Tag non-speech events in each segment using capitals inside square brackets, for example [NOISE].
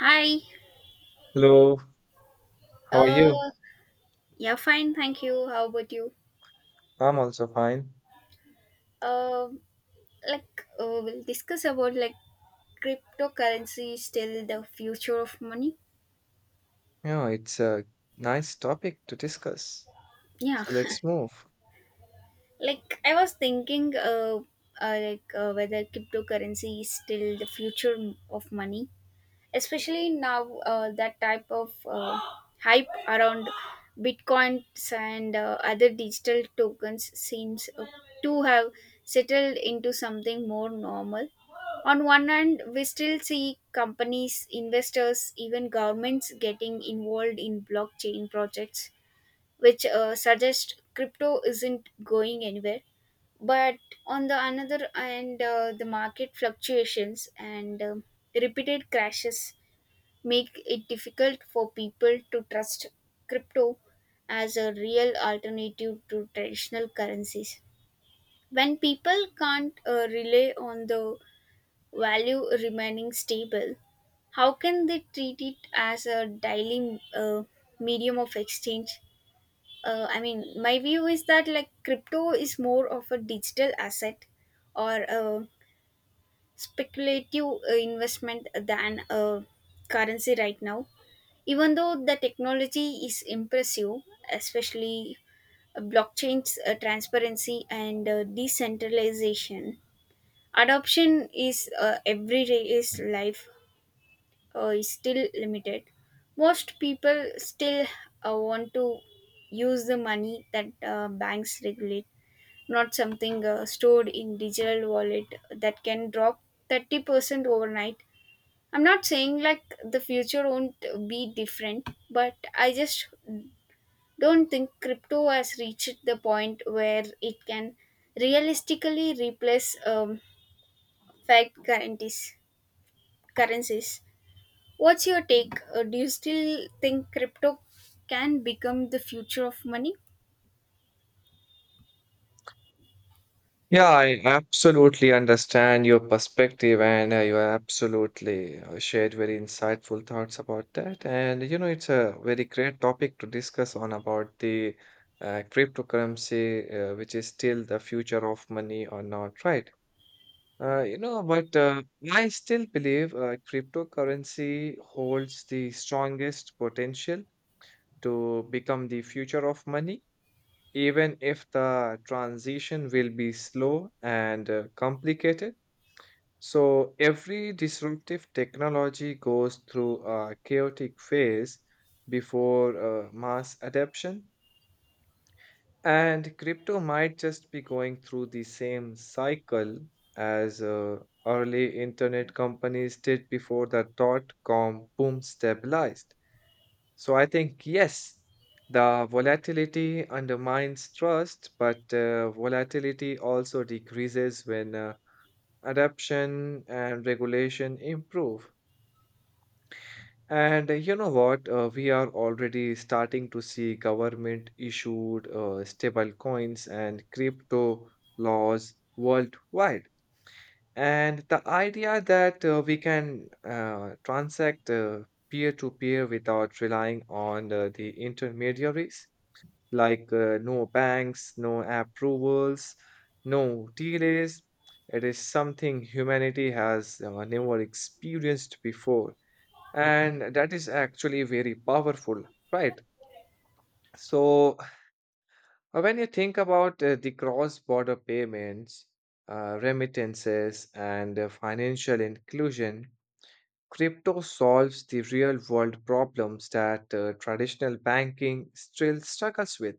Hi. Hello, how are Uh, you? yeah, fine. Thank you. How about you? I'm also fine. Um, we'll discuss about cryptocurrency still the future of money. Yeah, it's a nice topic to discuss. Yeah, So let's move. [LAUGHS] I was thinking, whether cryptocurrency is still the future of money. Especially now that type of hype around bitcoins and other digital tokens seems to have settled into something more normal. On one hand, we still see companies, investors, even governments getting involved in blockchain projects, which suggest crypto isn't going anywhere. But on the another hand, the market fluctuations and repeated crashes make it difficult for people to trust crypto as a real alternative to traditional currencies. When people can't rely on the value remaining stable, how can they treat it as a daily medium of exchange? I mean, my view is that like crypto is more of a digital asset or a speculative investment than a currency right now. Even though the technology is impressive, especially blockchain's transparency and decentralization, adoption is everyday's life is still limited. Most people still want to use the money that banks regulate, not something stored in digital wallet that can drop 30% overnight. I'm not saying like the future won't be different, but I just don't think crypto has reached the point where it can realistically replace fact currencies. Currencies. What's your take? Do you still think crypto can become the future of money? Yeah, I absolutely understand your perspective, and you absolutely shared very insightful thoughts about that. And you know, it's a very great topic to discuss on about the cryptocurrency, which is still the future of money or not, right? You know, but I still believe cryptocurrency holds the strongest potential to become the future of money, even if the transition will be slow and complicated. So every disruptive technology goes through a chaotic phase before mass adoption. And crypto might just be going through the same cycle as early internet companies did before the .com boom stabilized. So I think, yes, the volatility undermines trust, but volatility also decreases when adoption and regulation improve. And you know what? We are already starting to see government issued stable coins and crypto laws worldwide. And the idea that we can transact peer-to-peer without relying on the intermediaries, like no banks, no approvals, no delays, it is something humanity has never experienced before, and that is actually very powerful, right? So when you think about the cross border payments, remittances and financial inclusion, crypto solves the real world problems that traditional banking still struggles with,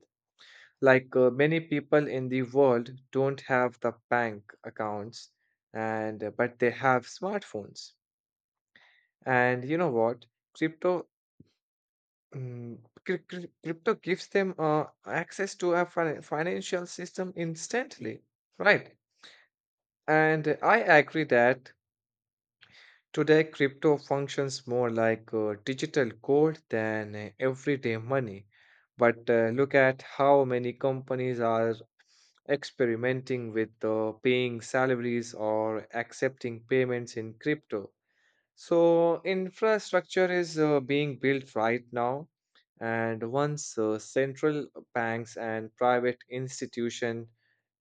like many people in the world don't have the bank accounts, and but they have smartphones. And you know what, crypto Mm, crypto gives them access to a financial system instantly, right? And I agree that today crypto functions more like digital gold than everyday money. But look at how many companies are experimenting with paying salaries or accepting payments in crypto. So infrastructure is being built right now, and once central banks and private institution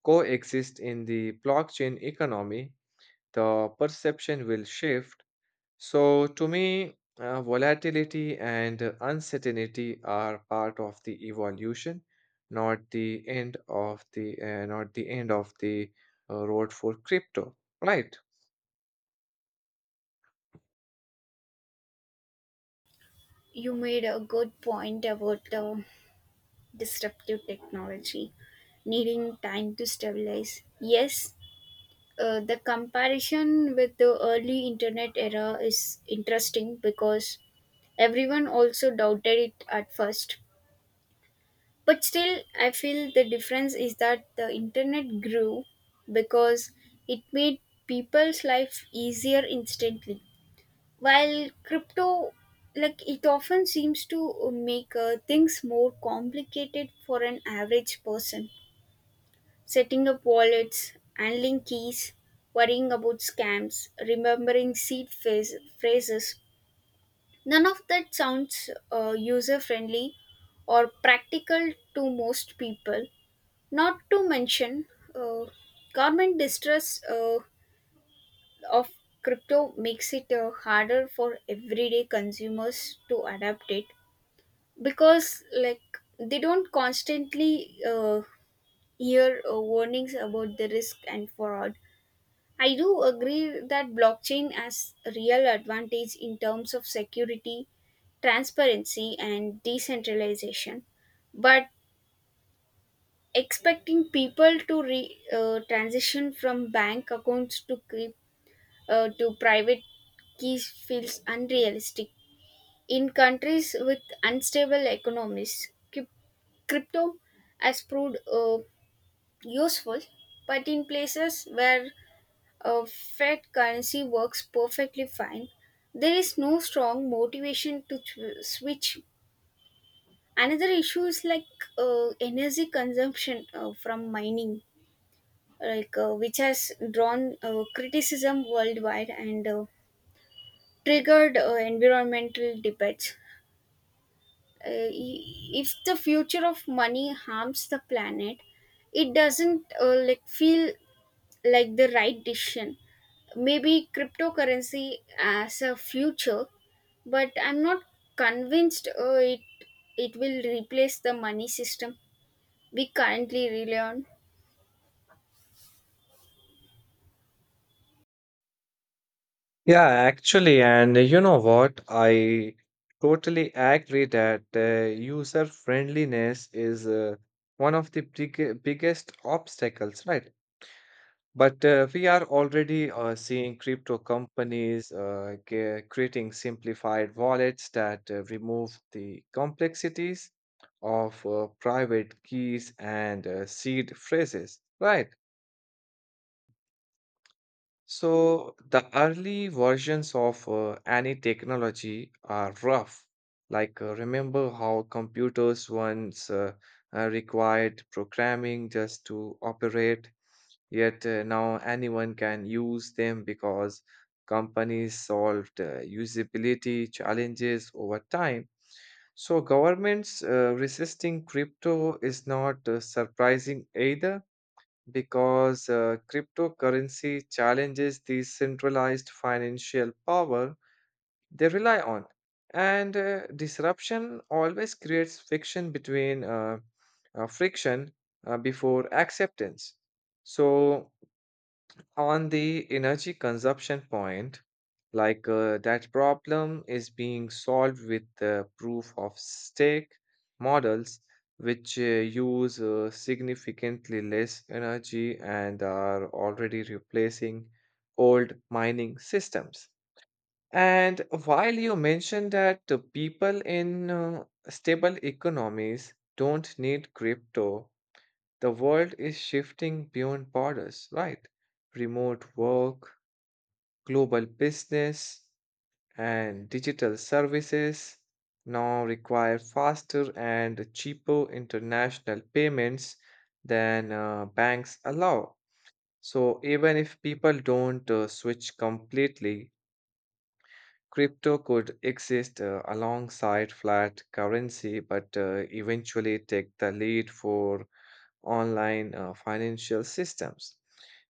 coexist in the blockchain economy, the perception will shift. So to me, volatility and uncertainty are part of the evolution, not the end of the not the end of the road for crypto, right? You made a good point about disruptive technology needing time to stabilize. Yes, the comparison with the early internet era is interesting because everyone also doubted it at first, but still I feel the difference is that the internet grew because it made people's life easier instantly, while crypto, like, it often seems to make things more complicated for an average person: setting up wallets, handling keys, worrying about scams, remembering phrases. None of that sounds user friendly or practical to most people. Not to mention, uh, government distress of crypto makes it harder for everyday consumers to adapt it because, like, they don't constantly hear warnings about the risk and fraud. I do agree that blockchain has a real advantage in terms of security, transparency, and decentralization, but expecting people to transition from bank accounts to to private keys feels unrealistic in countries with unstable economies. Crypto has proved useful, but in places where a fiat currency works perfectly fine, there is no strong motivation to switch. Another issue is like energy consumption from mining, which has drawn criticism worldwide and triggered environmental debates. Uh, i- if the future of money harms the planet, it doesn't like feel like the right decision. Maybe cryptocurrency as a future, but I'm not convinced it will replace the money system we currently rely on. Yeah, actually, and you know what? I totally agree that user friendliness is one of the biggest obstacles, right? But we are already seeing crypto companies creating simplified wallets that remove the complexities of private keys and seed phrases, right? So the early versions of any technology are rough. Like, remember how computers once required programming just to operate, yet now anyone can use them because companies solved usability challenges over time. So governments resisting crypto is not surprising either because cryptocurrency challenges the centralized financial power they rely on. And disruption always creates friction between friction before acceptance. So on the energy consumption point, that problem is being solved with the proof of stake models, which use significantly less energy and are already replacing old mining systems. And while you mentioned that the people in stable economies don't need crypto, the world is shifting beyond borders, right? Remote work, global business, and digital services now require faster and cheaper international payments than banks allow. So, even if people don't switch completely, crypto could exist alongside flat currency, but eventually take the lead for online financial systems.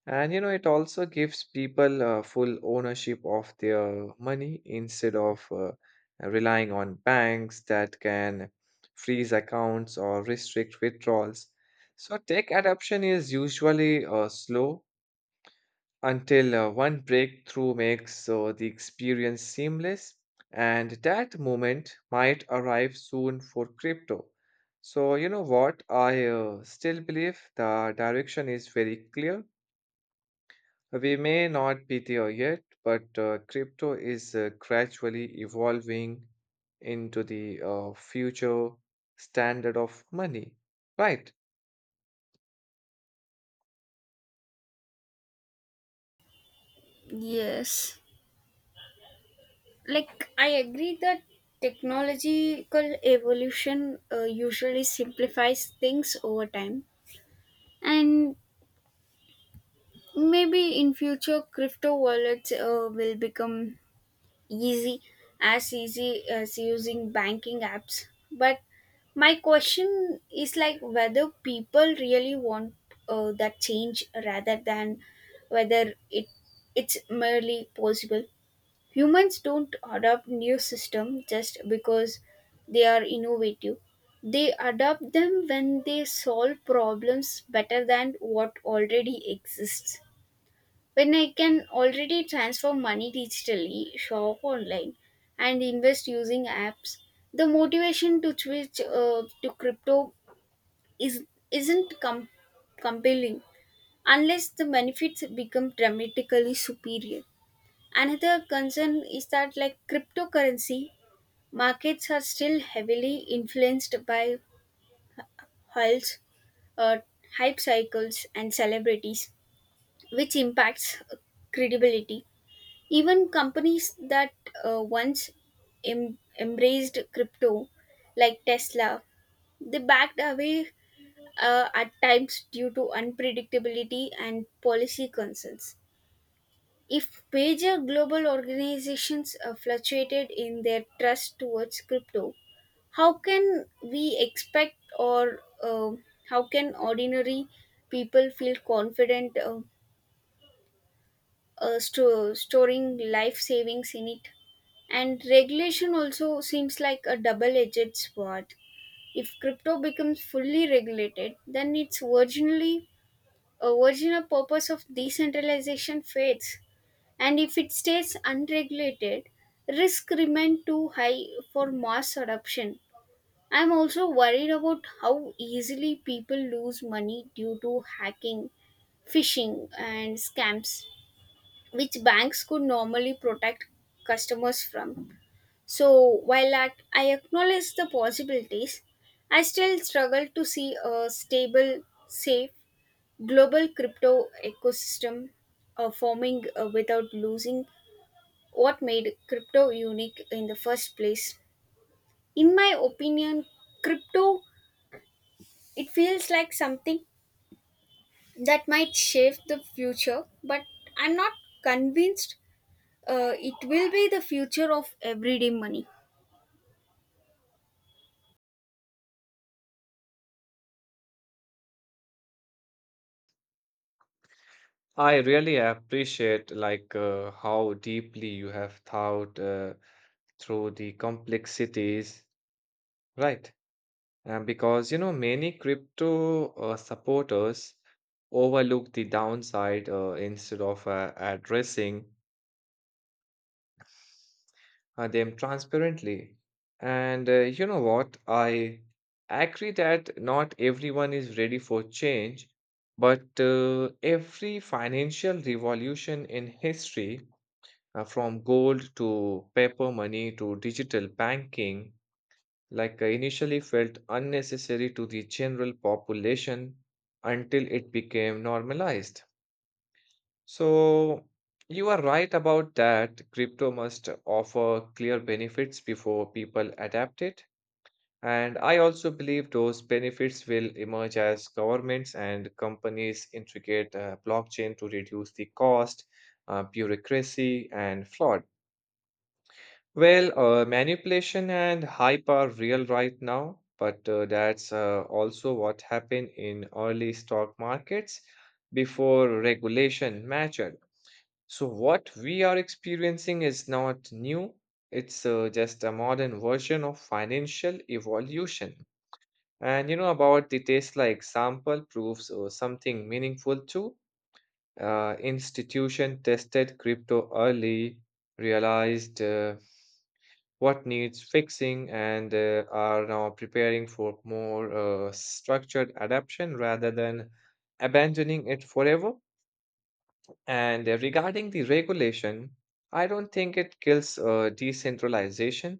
And you know, it also gives people full ownership of their money instead of relying on banks that can freeze accounts or restrict withdrawals. So, tech adoption is usually slow until one breakthrough makes the experience seamless, and that moment might arrive soon for crypto. So, you know what? I still believe the direction is very clear. We may not be there yet, but crypto is gradually evolving into the future standard of money, right? Yes. I agree that technological evolution usually simplifies things over time, and maybe in future crypto wallets will become easy easy as using banking apps. But my question is like whether people really want that change, rather than whether it's merely possible. Humans don't adopt new systems just because they are innovative. They adopt them when they solve problems better than what already exists. When I can already transfer money digitally, shop online, and invest using apps, the motivation to switch to crypto is isn't compelling unless the benefits become dramatically superior. Another concern is that, like, cryptocurrency markets are still heavily influenced by halls, uh, hype cycles, and celebrities, which impacts credibility. Even companies that once embraced crypto, like Tesla, they backed away at times due to unpredictability and policy concerns. If major global organizations are fluctuated in their trust towards crypto, how can we expect or how can ordinary people feel confident storing life savings in it? And regulation also seems like a double edged sword. If crypto becomes fully regulated, then its original purpose of decentralization fades, and if it stays unregulated, risk remain too high for mass adoption. I'm also worried about how easily people lose money due to hacking, phishing, and scams, which banks could normally protect customers from. So while I acknowledge the possibilities, I still struggle to see a stable, safe global crypto ecosystem forming without losing what made crypto unique in the first place. In my opinion, crypto, it feels like something that might shape the future, but I'm not convinced it will be the future of everyday money. I really appreciate how deeply you have thought through the complexities, right? And because you know many crypto supporters overlook the downside instead of addressing them transparently. And you know what? I agree that not everyone is ready for change, but every financial revolution in history, from gold to paper money to digital banking, like, initially felt unnecessary to the general population until it became normalized. So, you are right about that. Crypto must offer clear benefits before people adapt it. And I also believe those benefits will emerge as governments and companies integrate blockchain to reduce the cost, bureaucracy, and fraud. Well, manipulation and hype are real right now, but that's also what happened in early stock markets before regulation mattered. So, what we are experiencing is not new, it's just a modern version of financial evolution. And you know, about the Tesla example proves something meaningful too. Institution tested crypto early, realized what needs fixing, and are now preparing for more structured adaptation rather than abandoning it forever. And regarding the regulation, I don't think it kills decentralization.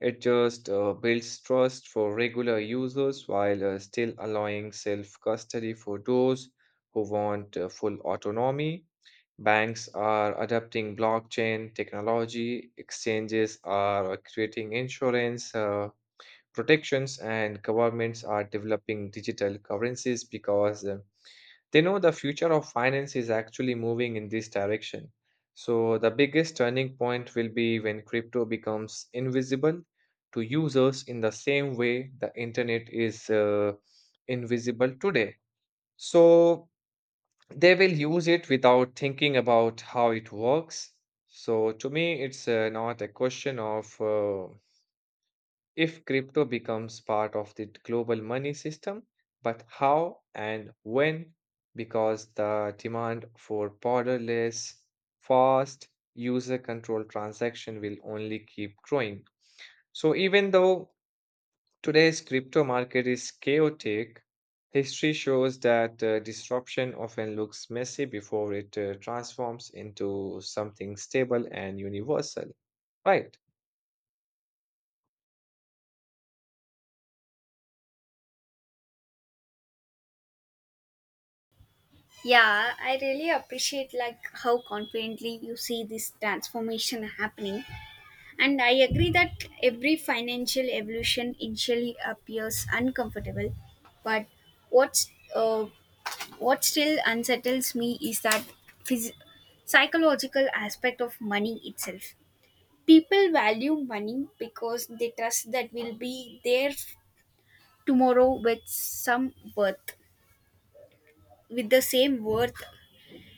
It just builds trust for regular users while still allowing self custody for those who want full autonomy. Banks are adopting blockchain technology, exchanges are creating insurance protections, and governments are developing digital currencies because they know the future of finance is actually moving in this direction. So, the biggest turning point will be when crypto becomes invisible to users in the same way the internet is invisible today. So, they will use it without thinking about how it works. So, to me, it's not a question of if crypto becomes part of the global money system, but how and when, because the demand for borderless, fast, user controlled transaction will only keep growing. So, even though today's crypto market is chaotic. History shows that disruption often looks messy before it transforms into something stable and universal. Right. Yeah, I really appreciate like how confidently you see this transformation happening, and I agree that every financial evolution initially appears uncomfortable. But what's uh, what still unsettles me is that phys- psychological aspect of money itself. People value money because they trust that will be there tomorrow with some worth, with the same worth.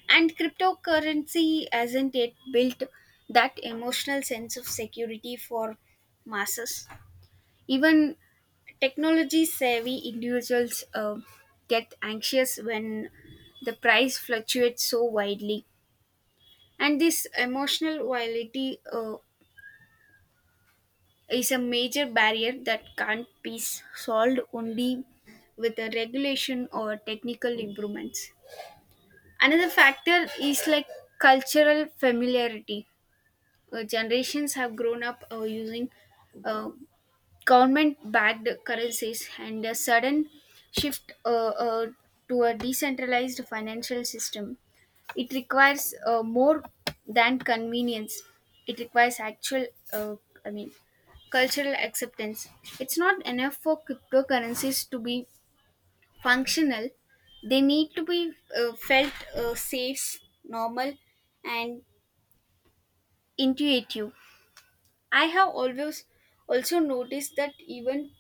And cryptocurrency hasn't yet built that emotional sense of security for masses. Even technology savvy individuals get anxious when the price fluctuates so widely. And this emotional viability is a major barrier that can't be solved only with a regulation or technical improvements. Another factor is like cultural familiarity. Generations have grown up using uh, government-backed currencies, and a sudden shift, uh, to a decentralized financial system. It requires more than convenience. It requires actual, uh, I mean, cultural acceptance. It's not enough for cryptocurrencies to be functional. They need to be felt safe, normal, and intuitive. I have always also noticed that even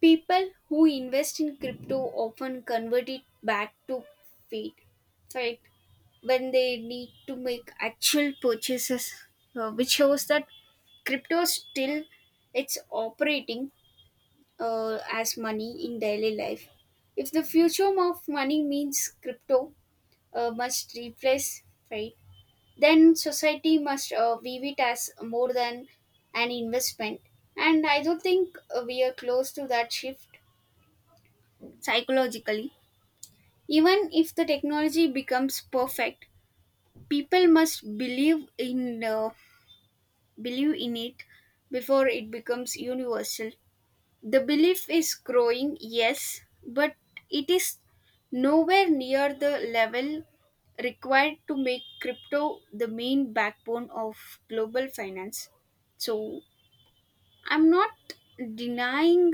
people who invest in crypto often convert it back to fiat, right? When they need to make actual purchases, which shows that crypto still it's operating as money in daily life. If the future of money means crypto must replace fiat, then society must view it as more than an investment. And I don't think we are close to that shift psychologically. Even if the technology becomes perfect, people must believe in it before it becomes universal. The belief is growing, yes, but it is nowhere near the level required to make crypto the main backbone of global finance. So, I'm not denying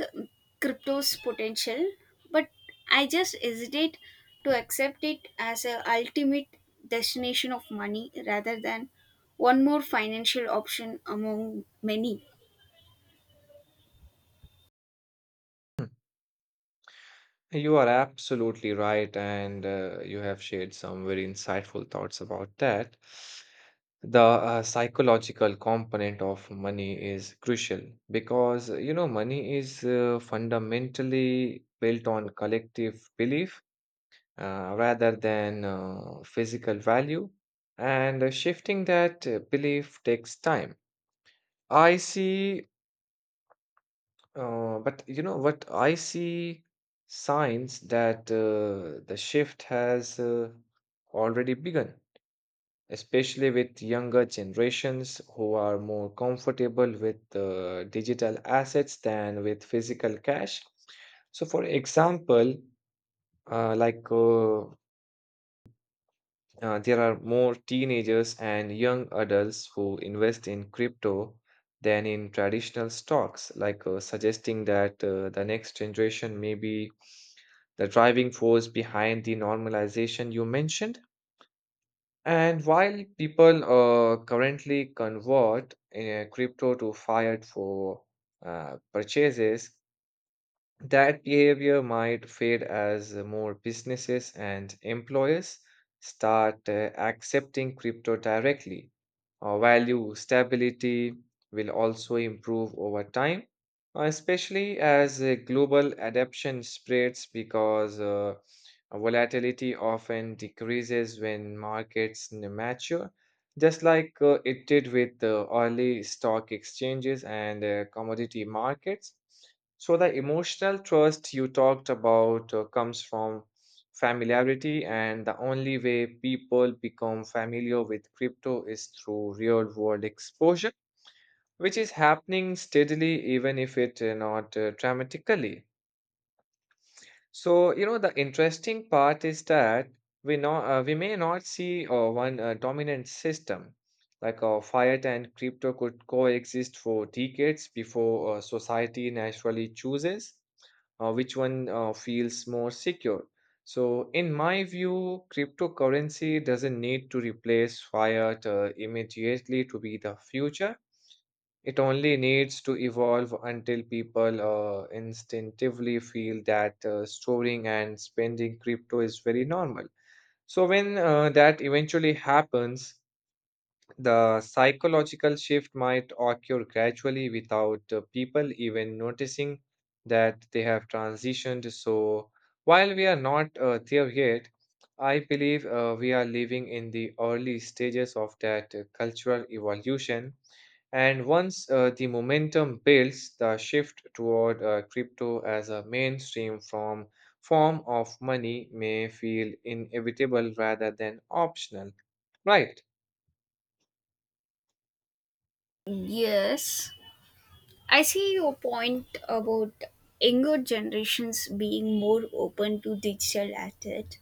crypto's potential, but I just hesitate to accept it as a ultimate destination of money rather than one more financial option among many. Hmm. You are absolutely right, and you have shared some very insightful thoughts about that. The psychological component of money is crucial because, you know, money is fundamentally built on collective belief rather than physical value. And shifting that belief takes time. I see, but you know what? I see signs that the shift has already begun, especially with younger generations who are more comfortable with digital assets than with physical cash. So, for example, uh, like uh, there are more teenagers and young adults who invest in crypto than in traditional stocks, like, suggesting that the next generation may be the driving force behind the normalization you mentioned. And while people currently convert crypto to fiat for purchases, that behavior might fade as more businesses and employers start accepting crypto directly. Our value stability will also improve over time, especially as global adoption spreads because volatility often decreases when markets mature, just like it did with the early stock exchanges and commodity markets. So, the emotional trust you talked about comes from familiarity, and the only way people become familiar with crypto is through real world exposure, which is happening steadily, even if it not dramatically. So, you know, the interesting part is that we know we may not see one dominant system. Like, fiat and crypto could coexist for decades before society naturally chooses which one feels more secure. So, in my view, cryptocurrency doesn't need to replace fiat immediately to be the future. It only needs to evolve until people instinctively feel that storing and spending crypto is very normal. So, when that eventually happens, the psychological shift might occur gradually without people even noticing that they have transitioned. So, while we are not there yet, I believe we are living in the early stages of that cultural evolution, and once the momentum builds, the shift toward crypto as a mainstream form of money may feel inevitable rather than optional, right? Yes, I see your point about younger generations being more open to digital assets.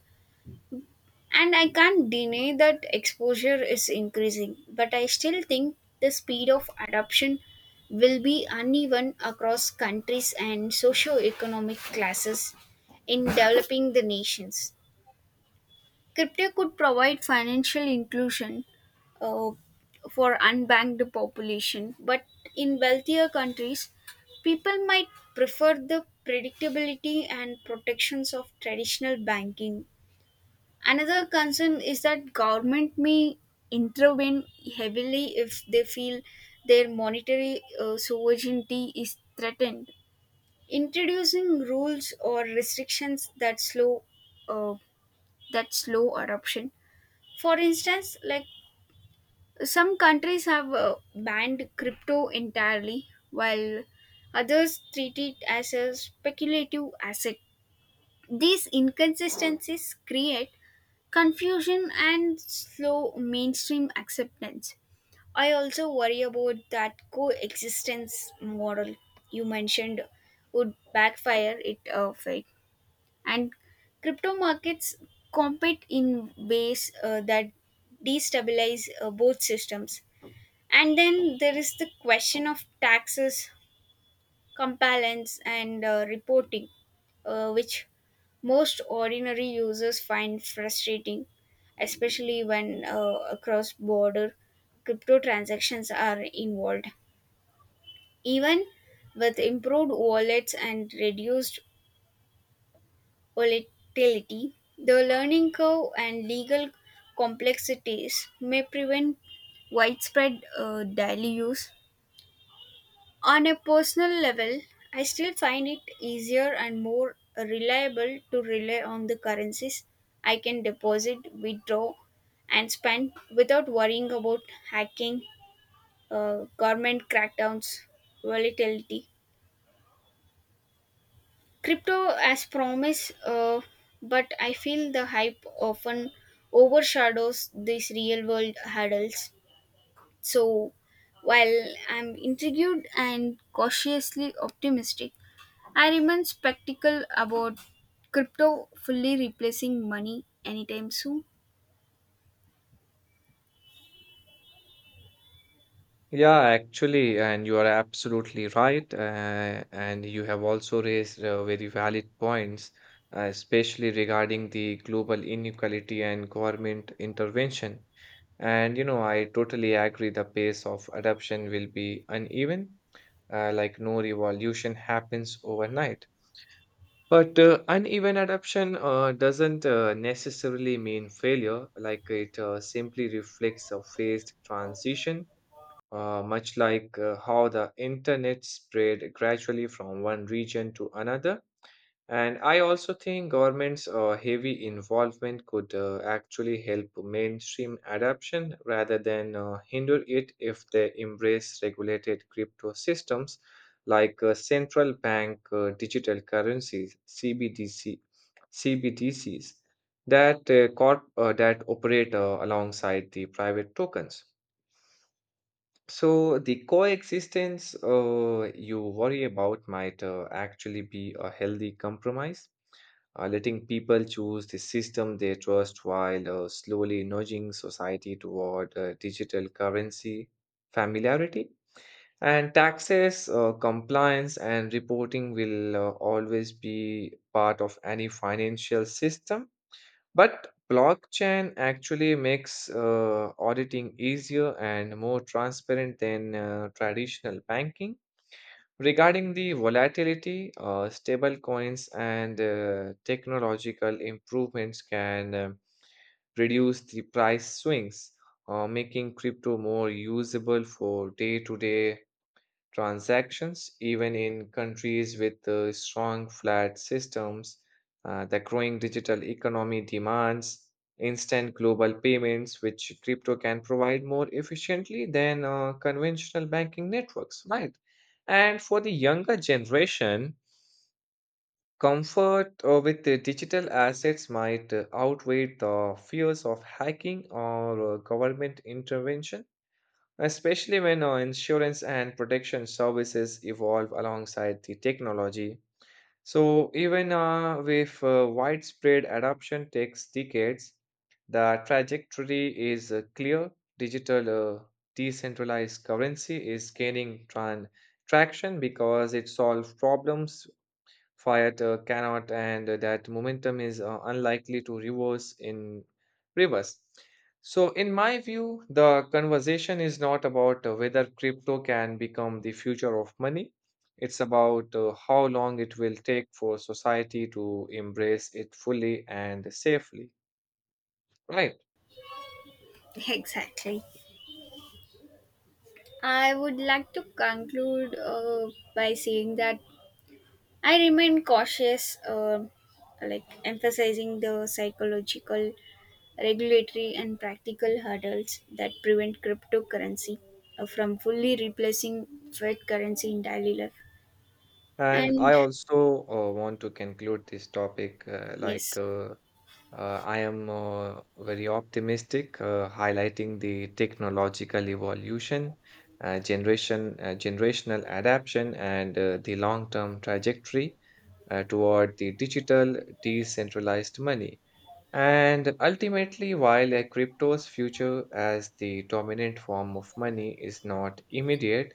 And I can't deny that exposure is increasing, but I still think the speed of adoption will be uneven across countries and socio-economic classes. In developing the nations, crypto could provide financial inclusion uh, for unbanked population, but in wealthier countries, people might prefer the predictability and protections of traditional banking. Another concern is that government may intervene heavily if they feel their monetary sovereignty is threatened, introducing rules or restrictions that slow uh, adoption. For instance, like, some countries have banned crypto entirely, while others treat it as a speculative asset. These inconsistencies create confusion and slow mainstream acceptance. I also worry about that coexistence model you mentioned would backfire it fake. And crypto markets compete in ways that destabilize both systems. And then there is the question of taxes, compliance, and reporting, which most ordinary users find frustrating, especially when cross border crypto transactions are involved. Even with improved wallets and reduced volatility, the learning curve and legal complexities may prevent widespread daily use. On a personal level, I still find it easier and more reliable to rely on the currencies I can deposit, withdraw, and spend without worrying about hacking, government crackdowns, volatility. Crypto as promise, but I feel the hype often overshadows these real world hurdles. So, while I'm intrigued and cautiously optimistic, I remain skeptical about crypto fully replacing money anytime soon. Yeah, actually, and you are absolutely right. And you have also raised very valid points, especially regarding the global inequality and government intervention. And you know, I totally agree the pace of adoption will be uneven, like no revolution happens overnight. But uneven adoption doesn't necessarily mean failure, like it simply reflects a phased transition, much like how the internet spread gradually from one region to another. And I also think government's heavy involvement could actually help mainstream adoption rather than hinder it if they embrace regulated crypto systems like central bank digital currencies (CBDC) CBDCs that that operate alongside the private tokens. So the coexistence you worry about might actually be a healthy compromise, letting people choose the system they trust while slowly nudging society toward digital currency familiarity. And taxes, compliance, and reporting will always be part of any financial system, but blockchain actually makes auditing easier and more transparent than traditional banking. Regarding the volatility, stable coins and technological improvements can reduce the price swings, making crypto more usable for day to day transactions, even in countries with strong flat systems. The growing digital economy demands instant global payments, which crypto can provide more efficiently than conventional banking networks, right? And for the younger generation, comfort with the digital assets might outweigh the fears of hacking or government intervention, especially when insurance and protection services evolve alongside the technology. So, even with widespread adoption takes decades, the trajectory is clear. Digital decentralized currency is gaining traction because it solves problems fiat cannot, and that momentum is unlikely to reverse. So, in my view, the conversation is not about whether crypto can become the future of money. It's about how long it will take for society to embrace it fully and safely, right? Exactly. I would like to conclude by saying that I remain cautious, like emphasizing the psychological, regulatory, and practical hurdles that prevent cryptocurrency from fully replacing fiat currency in daily life. And I And also want to conclude this topic yes, I am very optimistic, highlighting the technological evolution, generational adaption, and the long-term trajectory toward the digital decentralized money. And ultimately, while a crypto's future as the dominant form of money is not immediate,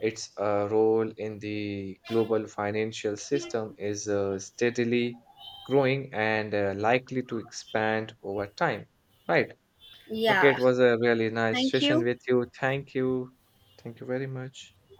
its role in the global financial system is steadily growing and likely to expand over time. Right. Okay, yeah, it was a really nice thank session you. with you. Thank you. Thank you very much.